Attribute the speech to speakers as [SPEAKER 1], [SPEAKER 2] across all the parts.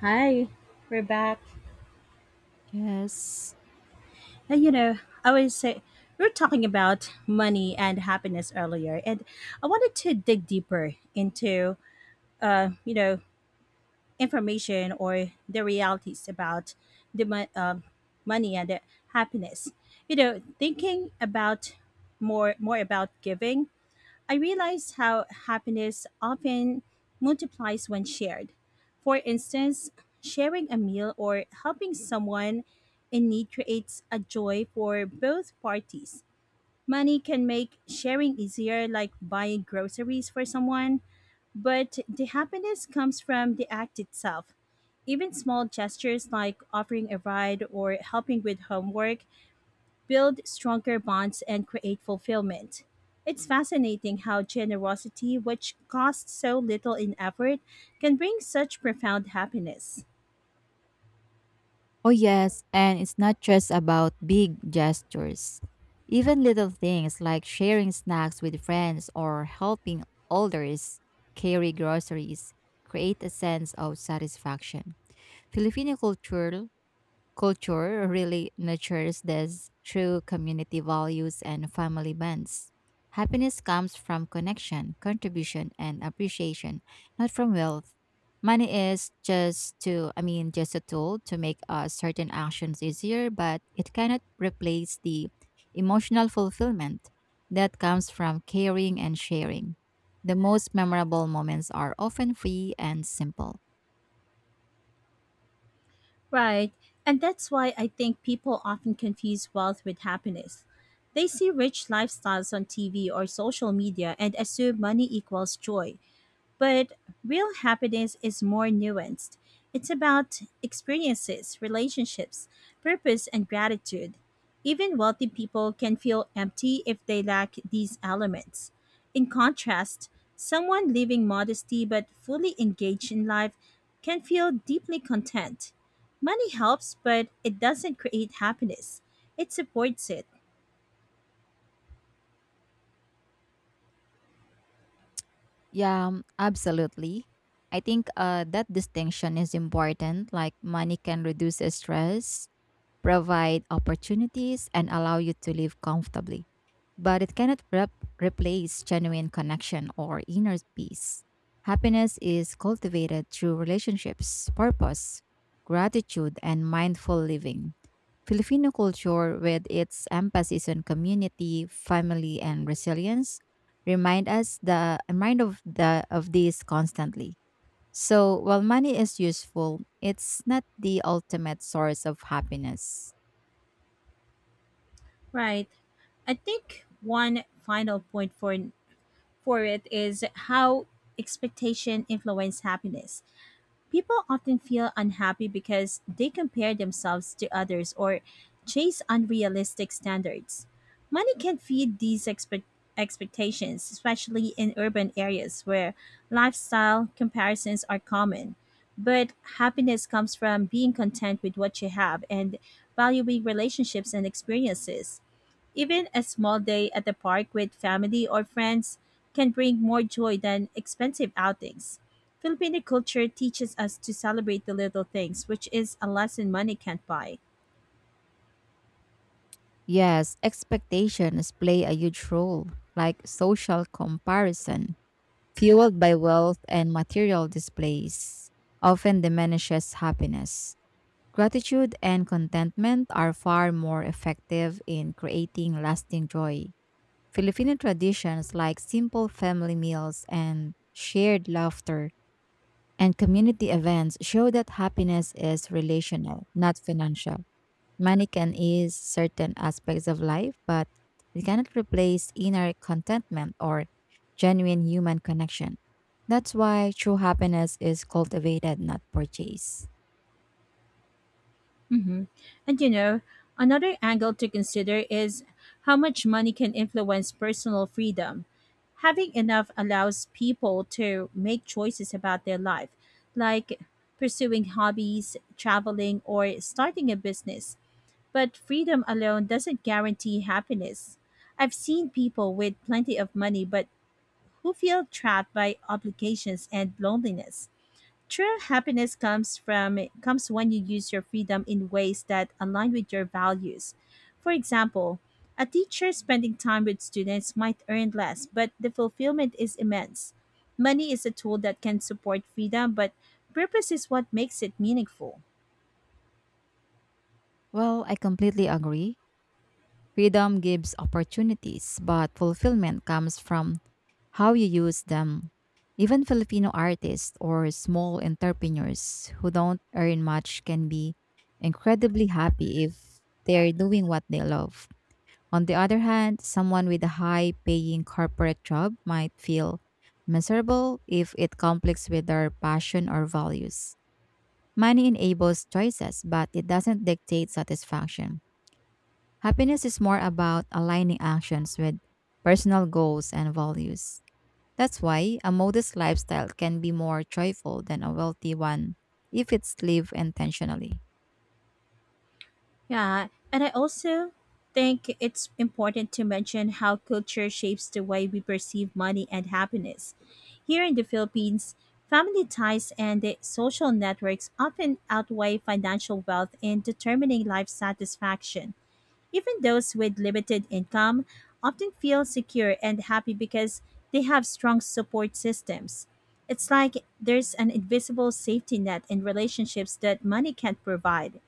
[SPEAKER 1] Hi, we're back.
[SPEAKER 2] Yes.
[SPEAKER 1] Uh, you know, I always say we were talking about money and happiness earlier, and I wanted to dig deeper into, uh, you know, information or the realities about the mo- um money and the happiness. Thinking about more about giving, I realized how happiness often multiplies when shared. For instance, sharing a meal or helping someone in need creates a joy for both parties. Money can make sharing easier, like buying groceries for someone, but the happiness comes from the act itself. Even small gestures like offering a ride or helping with homework build stronger bonds, and create fulfillment. It's fascinating how generosity, which costs so little in effort, can bring such profound happiness.
[SPEAKER 2] Oh, yes. And it's not just about big gestures. Even little things like sharing snacks with friends or helping elders carry groceries create a sense of satisfaction. Filipino culture Culture really nurtures this through community values and family bonds. Happiness comes from connection, contribution, and appreciation, not from wealth. Money is just a tool to make certain actions easier, but it cannot replace the emotional fulfillment that comes from caring and sharing. The most memorable moments are often free and simple.
[SPEAKER 1] Right, and that's why I think people often confuse wealth with happiness. They see rich lifestyles on TV or social media and assume money equals joy. But real happiness is more nuanced. It's about experiences, relationships, purpose, and gratitude. Even wealthy people can feel empty if they lack these elements. In contrast, someone living modestly but fully engaged in life can feel deeply content. Money helps, but it doesn't create happiness, it supports it.
[SPEAKER 2] Yeah, absolutely. I think that distinction is important. Like money can reduce stress, provide opportunities, and allow you to live comfortably. But it cannot replace genuine connection or inner peace. Happiness is cultivated through relationships, purpose, gratitude, and mindful living. Filipino culture, with its emphasis on community, family, and resilience, remind us the remind of the of this constantly. So, while money is useful, it's not the ultimate source of happiness.
[SPEAKER 1] Right. I think one final point for it is how expectation influence happiness. People often feel unhappy because they compare themselves to others or chase unrealistic standards. Money can feed these expectations, especially in urban areas where lifestyle comparisons are common. But happiness comes from being content with what you have and valuing relationships and experiences. Even a small day at the park with family or friends can bring more joy than expensive outings. Filipino culture teaches us to celebrate the little things, which is a lesson money can't buy.
[SPEAKER 2] Yes, expectations play a huge role, like social comparison, fueled by wealth and material displays, often diminishes happiness. Gratitude and contentment are far more effective in creating lasting joy. Filipino traditions like simple family meals and shared laughter and community events show that happiness is relational, not financial. Money can ease certain aspects of life, but it cannot replace inner contentment or genuine human connection. That's why true happiness is cultivated, not purchased.
[SPEAKER 1] hmm And another angle to consider is how much money can influence personal freedom. Having enough allows people to make choices about their life, like pursuing hobbies, traveling, or starting a business. But freedom alone doesn't guarantee happiness. I've seen people with plenty of money but who feel trapped by obligations and loneliness. True happiness comes from comes when you use your freedom in ways that align with your values. For example, a teacher spending time with students might earn less, but the fulfillment is immense. Money is a tool that can support freedom, but purpose is what makes it meaningful.
[SPEAKER 2] Well, I completely agree. Freedom gives opportunities, but fulfillment comes from how you use them. Even Filipino artists or small entrepreneurs who don't earn much can be incredibly happy if they're doing what they love. On the other hand, someone with a high paying corporate job might feel miserable if it conflicts with their passion or values. Money enables choices, but it doesn't dictate satisfaction. Happiness is more about aligning actions with personal goals and values. That's why a modest lifestyle can be more joyful than a wealthy one if it's lived intentionally.
[SPEAKER 1] Yeah, and I also think it's important to mention how culture shapes the way we perceive money and happiness. Here in the Philippines, family ties and the social networks often outweigh financial wealth in determining life satisfaction. Even those with limited income often feel secure and happy because they have strong support systems. It's like there's an invisible safety net in relationships that money can't provide.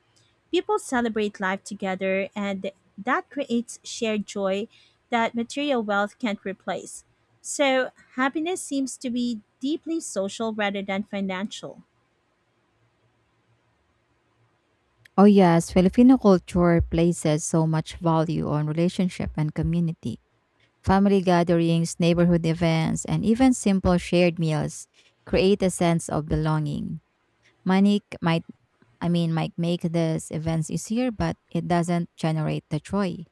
[SPEAKER 1] People celebrate life together, and that creates shared joy that material wealth can't replace. So, happiness seems to be deeply social rather than financial.
[SPEAKER 2] Oh, yes, Filipino culture places so much value on relationship and community. Family gatherings, neighborhood events, and even simple shared meals create a sense of belonging. Money might make these events easier, but it doesn't generate the joy.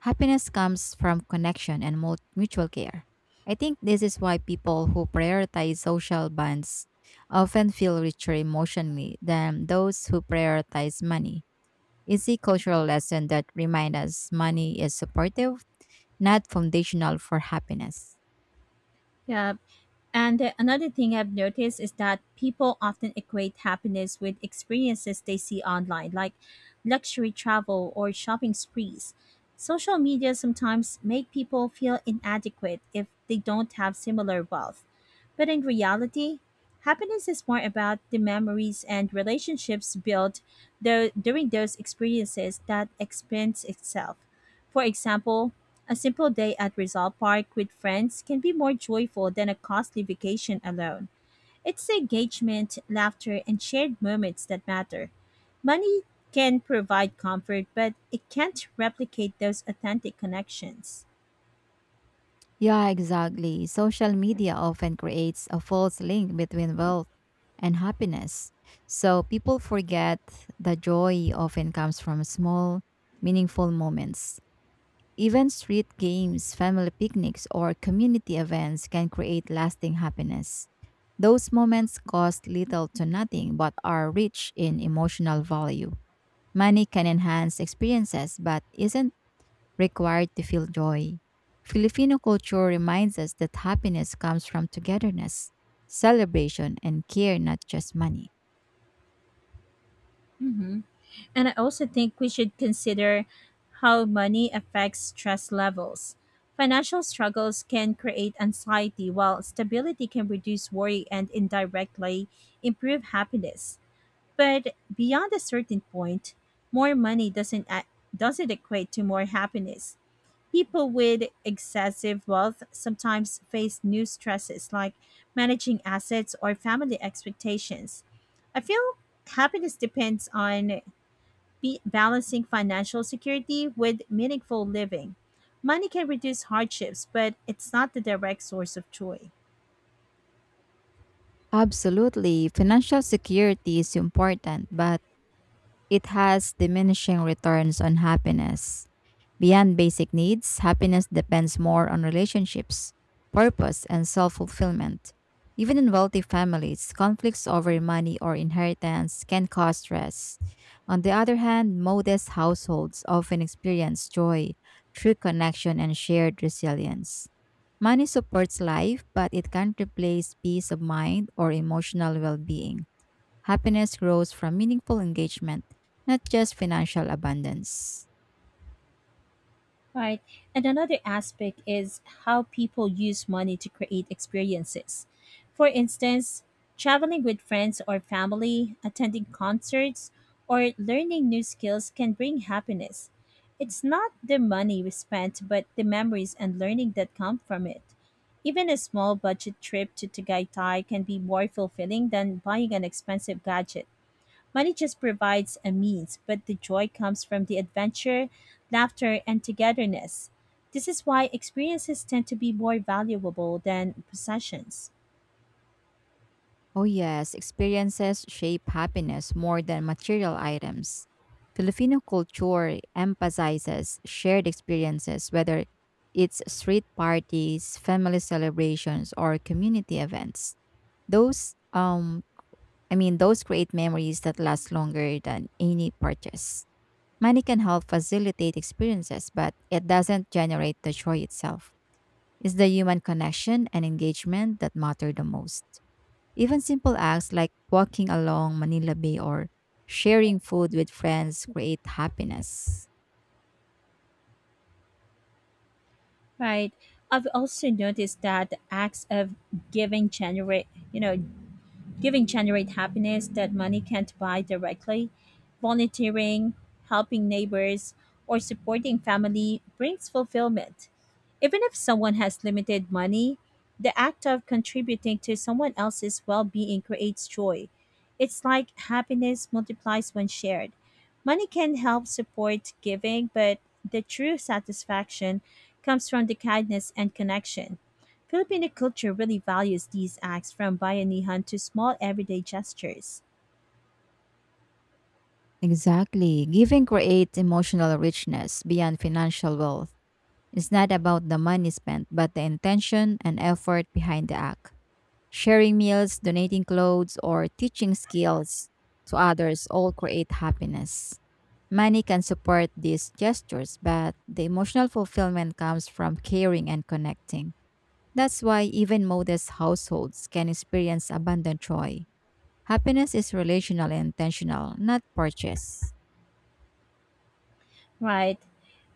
[SPEAKER 2] Happiness comes from connection and mutual care. I think this is why people who prioritize social bonds often feel richer emotionally than those who prioritize money. It's a cultural lesson that reminds us money is supportive, not foundational for happiness.
[SPEAKER 1] Yeah. And another thing I've noticed is that people often equate happiness with experiences they see online, like luxury travel or shopping sprees. Social media sometimes make people feel inadequate if they don't have similar wealth. But in reality, happiness is more about the memories and relationships built during those experiences that expense itself. For example, a simple day at Rizal Park with friends can be more joyful than a costly vacation alone. It's the engagement, laughter, and shared moments that matter. Money can provide comfort, but it can't replicate those authentic connections.
[SPEAKER 2] Yeah, exactly. Social media often creates a false link between wealth and happiness. So people forget the joy often comes from small, meaningful moments. Even street games, family picnics, or community events can create lasting happiness. Those moments cost little to nothing but are rich in emotional value. Money can enhance experiences, but isn't required to feel joy. Filipino culture reminds us that happiness comes from togetherness, celebration, and care, not just money.
[SPEAKER 1] hmm And I also think we should consider how money affects stress levels. Financial struggles can create anxiety, while stability can reduce worry and indirectly improve happiness. But beyond a certain point, more money doesn't equate to more happiness. People with excessive wealth sometimes face new stresses like managing assets or family expectations. I feel happiness depends on be balancing financial security with meaningful living. Money can reduce hardships, but it's not the direct source of joy.
[SPEAKER 2] Absolutely, financial security is important, but it has diminishing returns on happiness. Beyond basic needs, happiness depends more on relationships, purpose, and self fulfillment. Even in wealthy families, conflicts over money or inheritance can cause stress. On the other hand, modest households often experience joy, true connection, and shared resilience. Money supports life, but it can't replace peace of mind or emotional well being. Happiness grows from meaningful engagement, not just financial abundance.
[SPEAKER 1] Right. And another aspect is how people use money to create experiences. For instance, traveling with friends or family, attending concerts, or learning new skills can bring happiness. It's not the money we spent, but the memories and learning that come from it. Even a small budget trip to Tagaytay can be more fulfilling than buying an expensive gadget. Money just provides a means, but the joy comes from the adventure, laughter, and togetherness. This is why experiences tend to be more valuable than possessions.
[SPEAKER 2] Oh, yes, experiences shape happiness more than material items. Filipino culture emphasizes shared experiences, whether it's street parties, family celebrations, or community events. Those, um, those create memories that last longer than any purchase. Money can help facilitate experiences, but it doesn't generate the joy itself. It's the human connection and engagement that matter the most. Even simple acts like walking along Manila Bay or sharing food with friends create happiness.
[SPEAKER 1] Right. I've also noticed that the acts of giving generate, you know, giving generate happiness that money can't buy directly. Volunteering, helping neighbors, or supporting family brings fulfillment. Even if someone has limited money, the act of contributing to someone else's well being creates joy. It's like happiness multiplies when shared. Money can help support giving, but the true satisfaction comes from the kindness and connection. Filipino culture really values these acts from bayanihan to small everyday gestures.
[SPEAKER 2] Exactly. Giving creates emotional richness beyond financial wealth. It's not about the money spent, but the intention and effort behind the act. Sharing meals, donating clothes, or teaching skills to others all create happiness. Money can support these gestures, but the emotional fulfillment comes from caring and connecting. That's why even modest households can experience abundant joy. Happiness is relational and intentional, not purchase.
[SPEAKER 1] Right.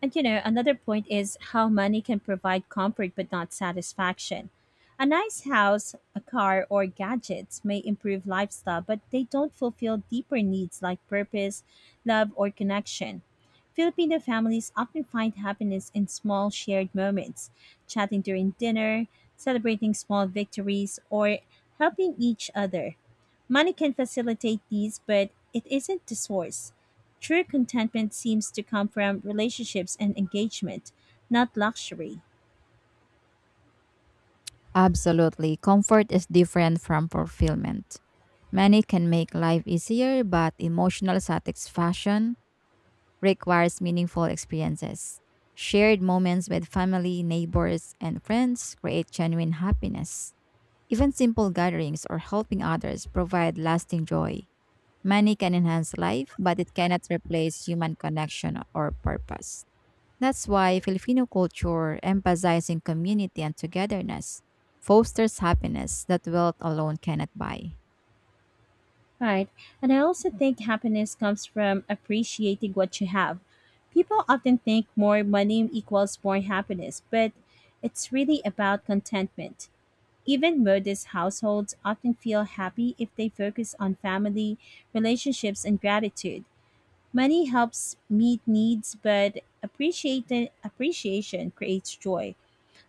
[SPEAKER 1] And another point is how money can provide comfort but not satisfaction. A nice house, a car, or gadgets may improve lifestyle, but they don't fulfill deeper needs like purpose, love, or connection. Filipino families often find happiness in small shared moments, chatting during dinner, celebrating small victories, or helping each other. Money can facilitate these, but it isn't the source. True contentment seems to come from relationships and engagement, not luxury.
[SPEAKER 2] Absolutely, comfort is different from fulfillment. Money can make life easier, but emotional satisfaction requires meaningful experiences. Shared moments with family, neighbors, and friends create genuine happiness. Even simple gatherings or helping others provide lasting joy. Money can enhance life, but it cannot replace human connection or purpose. That's why Filipino culture, emphasizing community and togetherness, fosters happiness that wealth alone cannot buy.
[SPEAKER 1] Right. And I also think happiness comes from appreciating what you have. People often think more money equals more happiness, but it's really about contentment. Even modest households often feel happy if they focus on family, relationships, and gratitude. Money helps meet needs, but appreciation creates joy.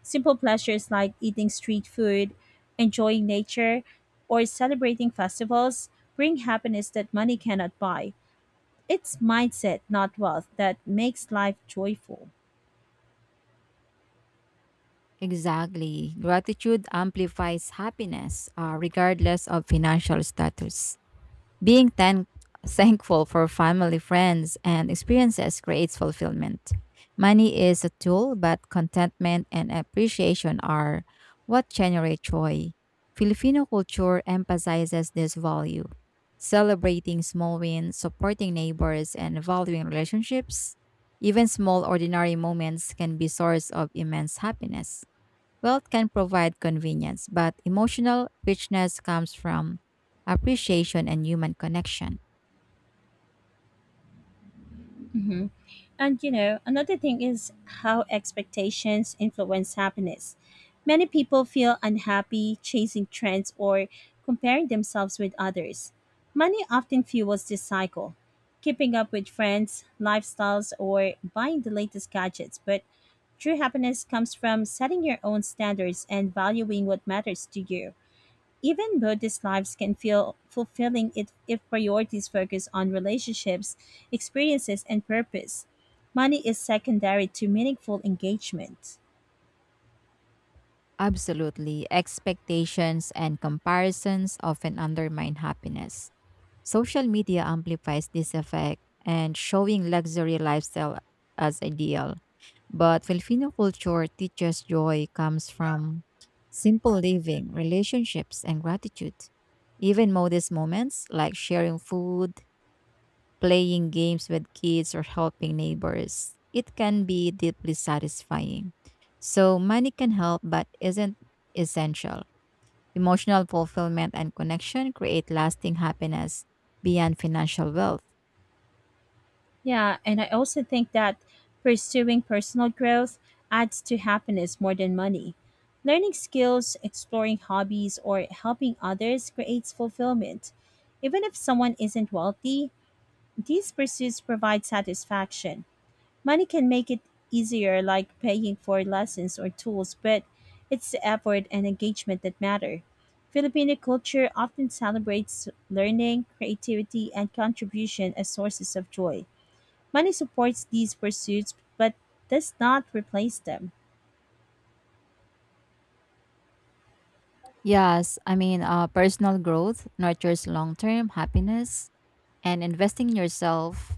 [SPEAKER 1] Simple pleasures like eating street food, enjoying nature, or celebrating festivals bring happiness that money cannot buy. It's mindset, not wealth, that makes life joyful.
[SPEAKER 2] Exactly. Gratitude amplifies happiness, regardless of financial status. Being thankful for family, friends, and experiences creates fulfillment. Money is a tool, but contentment and appreciation are what generate joy. Filipino culture emphasizes this value. Celebrating small wins, supporting neighbors, and valuing relationships, even small ordinary moments can be source of immense happiness. Wealth can provide convenience, but emotional richness comes from appreciation and human connection.
[SPEAKER 1] And another thing is how expectations influence happiness. Many people feel unhappy chasing trends or comparing themselves with others. Money often fuels this cycle, keeping up with friends, lifestyles, or buying the latest gadgets. But true happiness comes from setting your own standards and valuing what matters to you. Even Buddhist lives can feel fulfilling if priorities focus on relationships, experiences, and purpose. Money is secondary to meaningful engagement.
[SPEAKER 2] Absolutely, expectations and comparisons often undermine happiness. Social media amplifies this effect and showing luxury lifestyle as ideal. But Filipino culture teaches joy comes from simple living, relationships, and gratitude. Even modest moments like sharing food, playing games with kids or helping neighbors. It can be deeply satisfying. So, money can help but isn't essential. Emotional fulfillment and connection create lasting happiness beyond financial wealth.
[SPEAKER 1] Yeah, and I also think that pursuing personal growth adds to happiness more than money. Learning skills, exploring hobbies, or helping others creates fulfillment. Even if someone isn't wealthy, these pursuits provide satisfaction. Money can make it easier, like paying for lessons or tools, but it's the effort and engagement that matter. Filipino culture often celebrates learning, creativity, and contribution as sources of joy. Money supports these pursuits but does not replace them.
[SPEAKER 2] Yes, personal growth nurtures long term happiness, and investing in yourself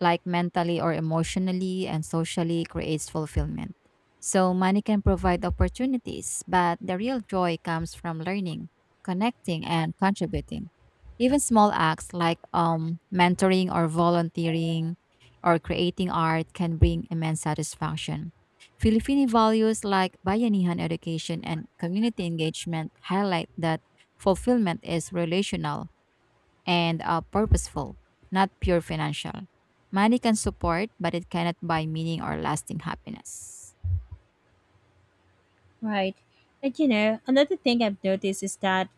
[SPEAKER 2] like mentally or emotionally and socially creates fulfillment. So money can provide opportunities, but the real joy comes from learning, connecting, and contributing. Even small acts like mentoring or volunteering or creating art can bring immense satisfaction. Filipino values like bayanihan education and community engagement highlight that fulfillment is relational and purposeful, not pure financial. Money can support, but it cannot buy meaning or lasting happiness.
[SPEAKER 1] Right. And another thing I've noticed is that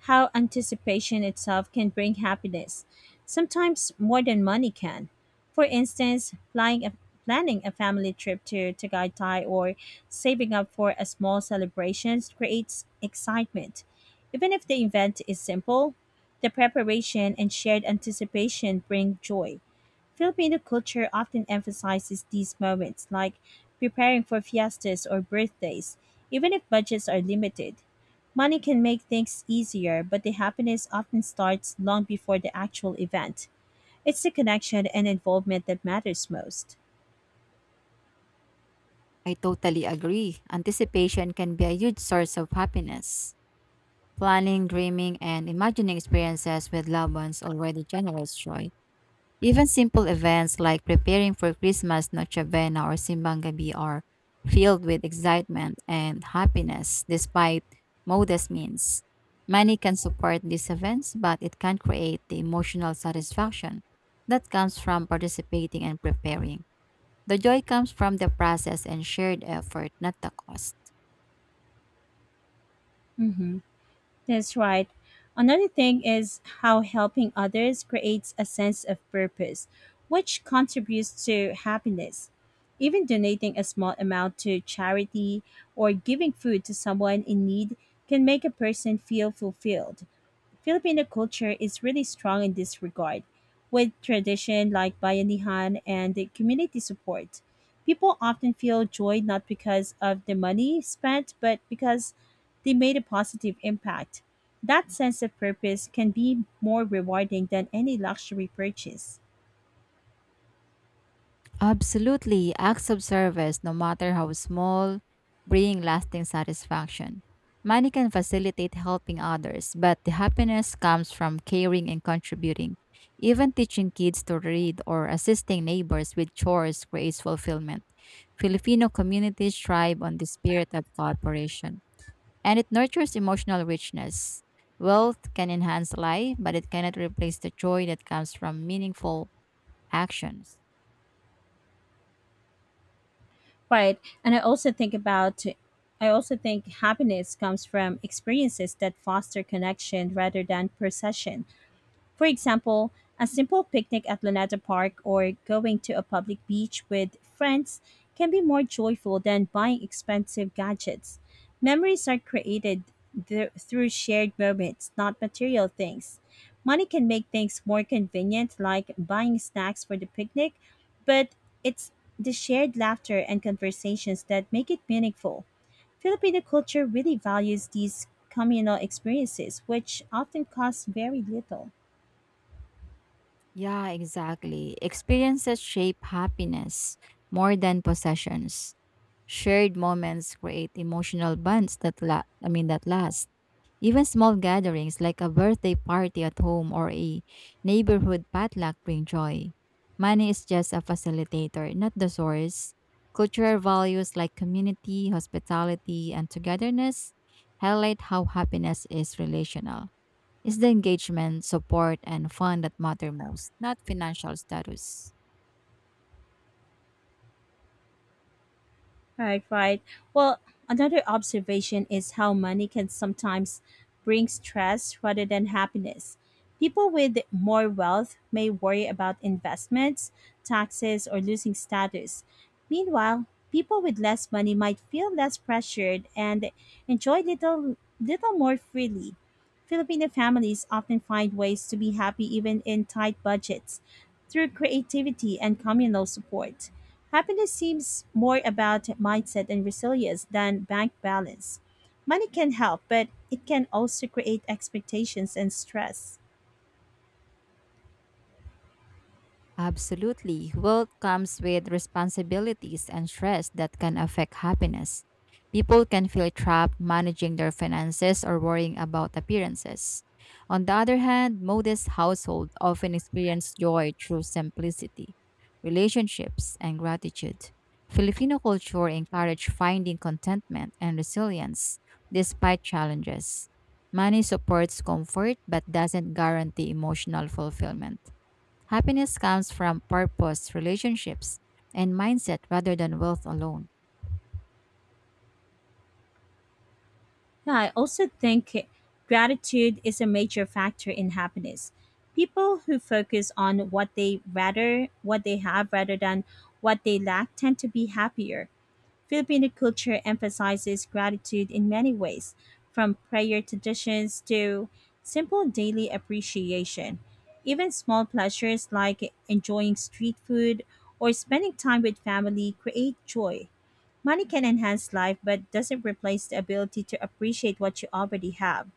[SPEAKER 1] how anticipation itself can bring happiness, sometimes more than money can. For instance, planning a family trip to Tagaytay or saving up for a small celebration creates excitement. Even if the event is simple, the preparation and shared anticipation bring joy. Filipino culture often emphasizes these moments, like preparing for fiestas or birthdays, even if budgets are limited. Money can make things easier, but the happiness often starts long before the actual event. It's the connection and involvement that matters most.
[SPEAKER 2] I totally agree. Anticipation can be a huge source of happiness. Planning, dreaming, and imagining experiences with loved ones already generates joy. Even simple events like preparing for Christmas, Nochebuena, or Simbang Gabi are filled with excitement and happiness despite modest means. Money can support these events, but it can't create the emotional satisfaction that comes from participating and preparing. The joy comes from the process and shared effort, not the cost.
[SPEAKER 1] Mm-hmm. That's right. Another thing is how helping others creates a sense of purpose, which contributes to happiness. Even donating a small amount to charity or giving food to someone in need can make a person feel fulfilled. Filipino culture is really strong in this regard, with tradition like bayanihan and the community support. People often feel joy not because of the money spent, but because they made a positive impact. That sense of purpose can be more rewarding than any luxury purchase.
[SPEAKER 2] Absolutely, acts of service, no matter how small, bring lasting satisfaction. Money can facilitate helping others, but the happiness comes from caring and contributing. Even teaching kids to read or assisting neighbors with chores creates fulfillment. Filipino communities thrive on the spirit of cooperation, and it nurtures emotional richness. Wealth can enhance life, but it cannot replace the joy that comes from meaningful actions.
[SPEAKER 1] Right. And I also think happiness comes from experiences that foster connection rather than possession. For example, a simple picnic at Luneta Park or going to a public beach with friends can be more joyful than buying expensive gadgets. Memories are created through shared moments, not material things. Money can make things more convenient, like buying snacks for the picnic, but it's the shared laughter and conversations that make it meaningful. Filipino culture really values these communal experiences, which often cost very little.
[SPEAKER 2] Yeah, exactly. Experiences shape happiness more than possessions. Shared moments create emotional bonds that la- I mean that last. Even small gatherings like a birthday party at home or a neighborhood potluck bring joy. Money is just a facilitator, not the source. Cultural values like community, hospitality, and togetherness highlight how happiness is relational. It's the engagement, support, and fun that matter most, not financial status.
[SPEAKER 1] Right, right. Well, another observation is how money can sometimes bring stress rather than happiness. People with more wealth may worry about investments, taxes, or losing status. Meanwhile, people with less money might feel less pressured and enjoy little more freely. Filipino families often find ways to be happy even in tight budgets through creativity and communal support. Happiness seems more about mindset and resilience than bank balance. Money can help, but it can also create expectations and stress.
[SPEAKER 2] Absolutely. Wealth comes with responsibilities and stress that can affect happiness. People can feel trapped managing their finances or worrying about appearances. On the other hand, modest households often experience joy through simplicity, relationships, and gratitude. Filipino culture encourages finding contentment and resilience despite challenges. Money supports comfort but doesn't guarantee emotional fulfillment. Happiness comes from purpose, relationships, and mindset rather than wealth alone.
[SPEAKER 1] Yeah, I also think gratitude is a major factor in happiness. People who focus on what they have rather than what they lack tend to be happier. Filipino culture emphasizes gratitude in many ways, from prayer traditions to simple daily appreciation. Even small pleasures like enjoying street food or spending time with family create joy. Money can enhance life but doesn't replace the ability to appreciate what you already have.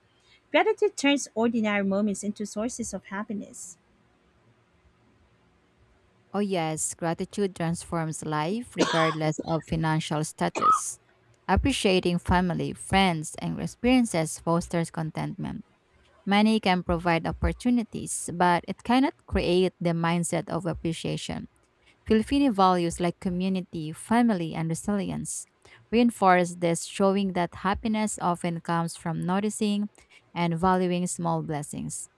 [SPEAKER 1] Gratitude turns ordinary moments into sources of happiness.
[SPEAKER 2] Oh, yes, gratitude transforms life regardless of financial status. Appreciating family, friends, and experiences fosters contentment. Money can provide opportunities, but it cannot create the mindset of appreciation. Filipino values like community, family, and resilience reinforce this, showing that happiness often comes from noticing and valuing small blessings.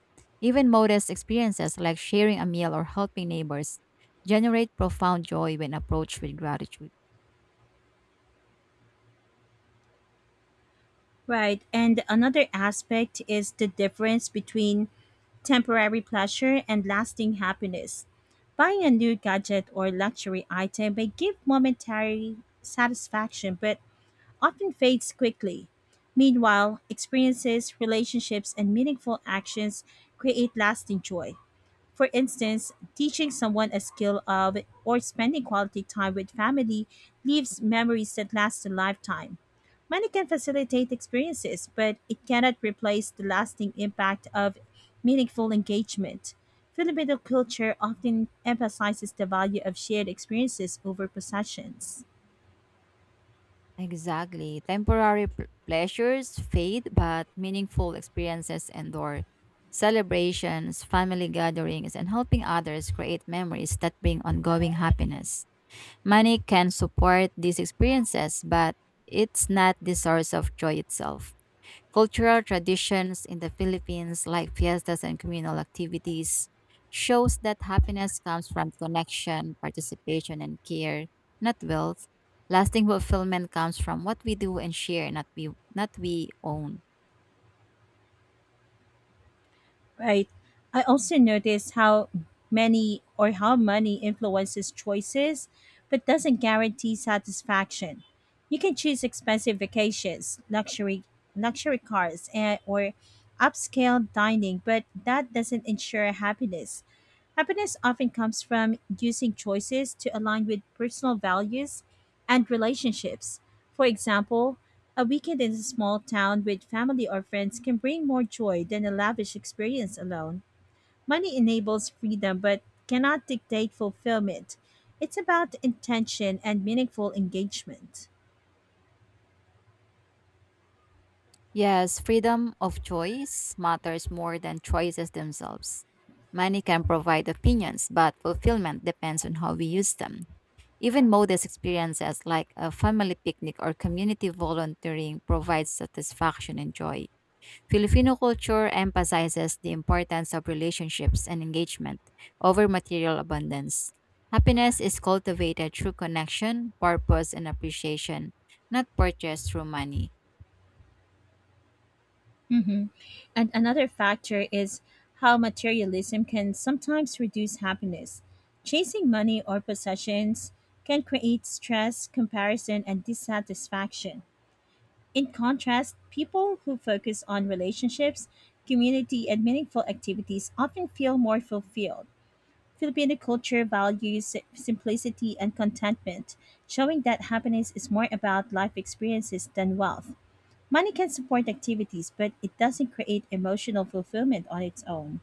[SPEAKER 2] Even modest experiences like sharing a meal or helping neighbors generate profound joy when approached with gratitude.
[SPEAKER 1] Right, and another aspect is the difference between temporary pleasure and lasting happiness. Buying a new gadget or luxury item may give momentary satisfaction but often fades quickly. Meanwhile, experiences, relationships, and meaningful actions create lasting joy. For instance, teaching someone a skill of or spending quality time with family leaves memories that last a lifetime. Money can facilitate experiences, but it cannot replace the lasting impact of meaningful engagement. Filipino culture often emphasizes the value of shared experiences over possessions.
[SPEAKER 2] Exactly. Temporary pleasures fade, but meaningful experiences endure. Celebrations, family gatherings, and helping others create memories that bring ongoing happiness. Money can support these experiences, but it's not the source of joy itself. Cultural traditions in the Philippines, like fiestas and communal activities, shows that happiness comes from connection, participation, and care, not wealth. Lasting fulfillment comes from what we do and share, not we own.
[SPEAKER 1] Right. I also notice how many or how money influences choices, but doesn't guarantee satisfaction. You can choose expensive vacations, luxury cars, or upscale dining, but that doesn't ensure happiness. Happiness often comes from using choices to align with personal values and relationships. For example, a weekend in a small town with family or friends can bring more joy than a lavish experience alone. Money enables freedom but cannot dictate fulfillment. It's about intention and meaningful engagement.
[SPEAKER 2] Yes, freedom of choice matters more than choices themselves. Money can provide opinions, but fulfillment depends on how we use them. Even modest experiences like a family picnic or community volunteering provide satisfaction and joy. Filipino culture emphasizes the importance of relationships and engagement over material abundance. Happiness is cultivated through connection, purpose, and appreciation, not purchased through money.
[SPEAKER 1] hmm And another factor is how materialism can sometimes reduce happiness. Chasing money or possessions can create stress, comparison, and dissatisfaction. In contrast, people who focus on relationships, community, and meaningful activities often feel more fulfilled. Filipino culture values simplicity and contentment, showing that happiness is more about life experiences than wealth. Money can support activities, but it doesn't create emotional fulfillment on its own.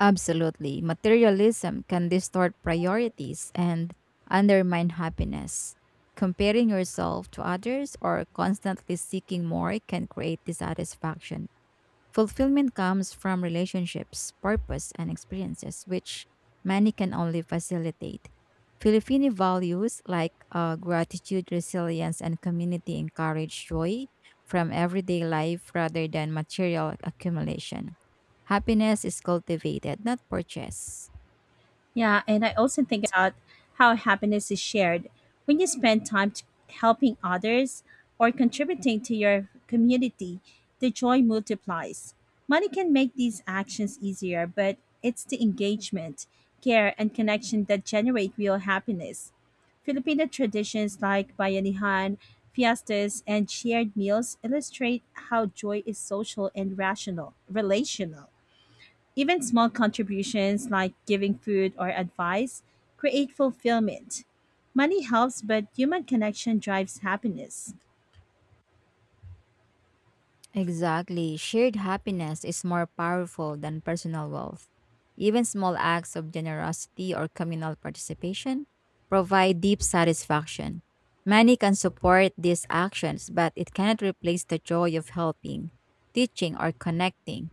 [SPEAKER 2] Absolutely. Materialism can distort priorities and undermine happiness. Comparing yourself to others or constantly seeking more can create dissatisfaction. Fulfillment comes from relationships, purpose, and experiences, which money can only facilitate. Filipino values like gratitude, resilience, and community encourage joy from everyday life rather than material accumulation. Happiness is cultivated, not purchased.
[SPEAKER 1] Yeah, and I also think about how happiness is shared. When you spend helping others or contributing to your community, the joy multiplies. Money can make these actions easier, but it's the engagement, care, and connection that generate real happiness. Filipino traditions like bayanihan, fiestas, and shared meals illustrate how joy is relational. Even small contributions like giving food or advice create fulfillment. Money helps, but human connection drives happiness.
[SPEAKER 2] Exactly. Shared happiness is more powerful than personal wealth. Even small acts of generosity or communal participation provide deep satisfaction. Money can support these actions, but it cannot replace the joy of helping, teaching, or connecting.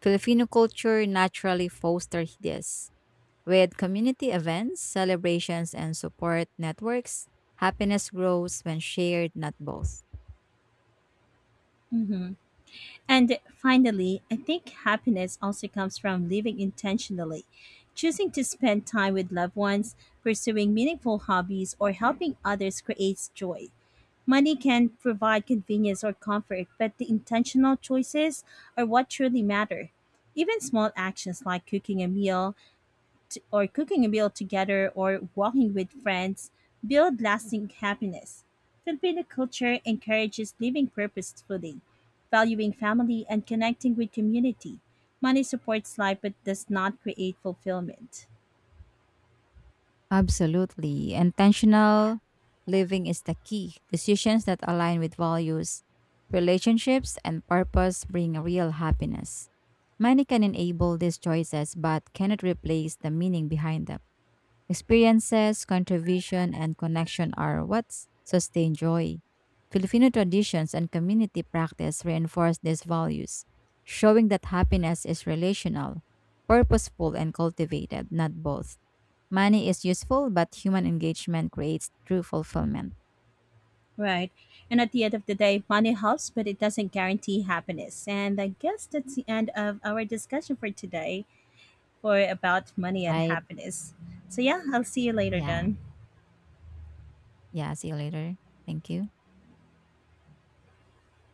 [SPEAKER 2] Filipino culture naturally fosters this. With community events, celebrations, and support networks, happiness grows when shared, not both.
[SPEAKER 1] hmm And finally, I think happiness also comes from living intentionally, choosing to spend time with loved ones, pursuing meaningful hobbies, or helping others creates joy. Money can provide convenience or comfort, but the intentional choices are what truly matter. Even small actions like cooking a meal together or walking with friends build lasting happiness. Filipino culture encourages living purposefully, valuing family and connecting with community. Money supports life but does not create fulfillment.
[SPEAKER 2] Absolutely. Intentional living is the key. Decisions that align with values, relationships, and purpose bring real happiness. Money can enable these choices but cannot replace the meaning behind them. Experiences, contribution, and connection are what sustain joy. Filipino traditions and community practice reinforce these values, showing that happiness is relational, purposeful, and cultivated, not both. Money is useful, but human engagement creates true fulfillment.
[SPEAKER 1] Right. And at the end of the day, money helps, but it doesn't guarantee happiness. And I guess that's the end of our discussion for today for about money and
[SPEAKER 2] Right?
[SPEAKER 1] happiness. So yeah, I'll see you later
[SPEAKER 2] Yeah.
[SPEAKER 1] then.
[SPEAKER 2] Yeah. See you later. Thank you.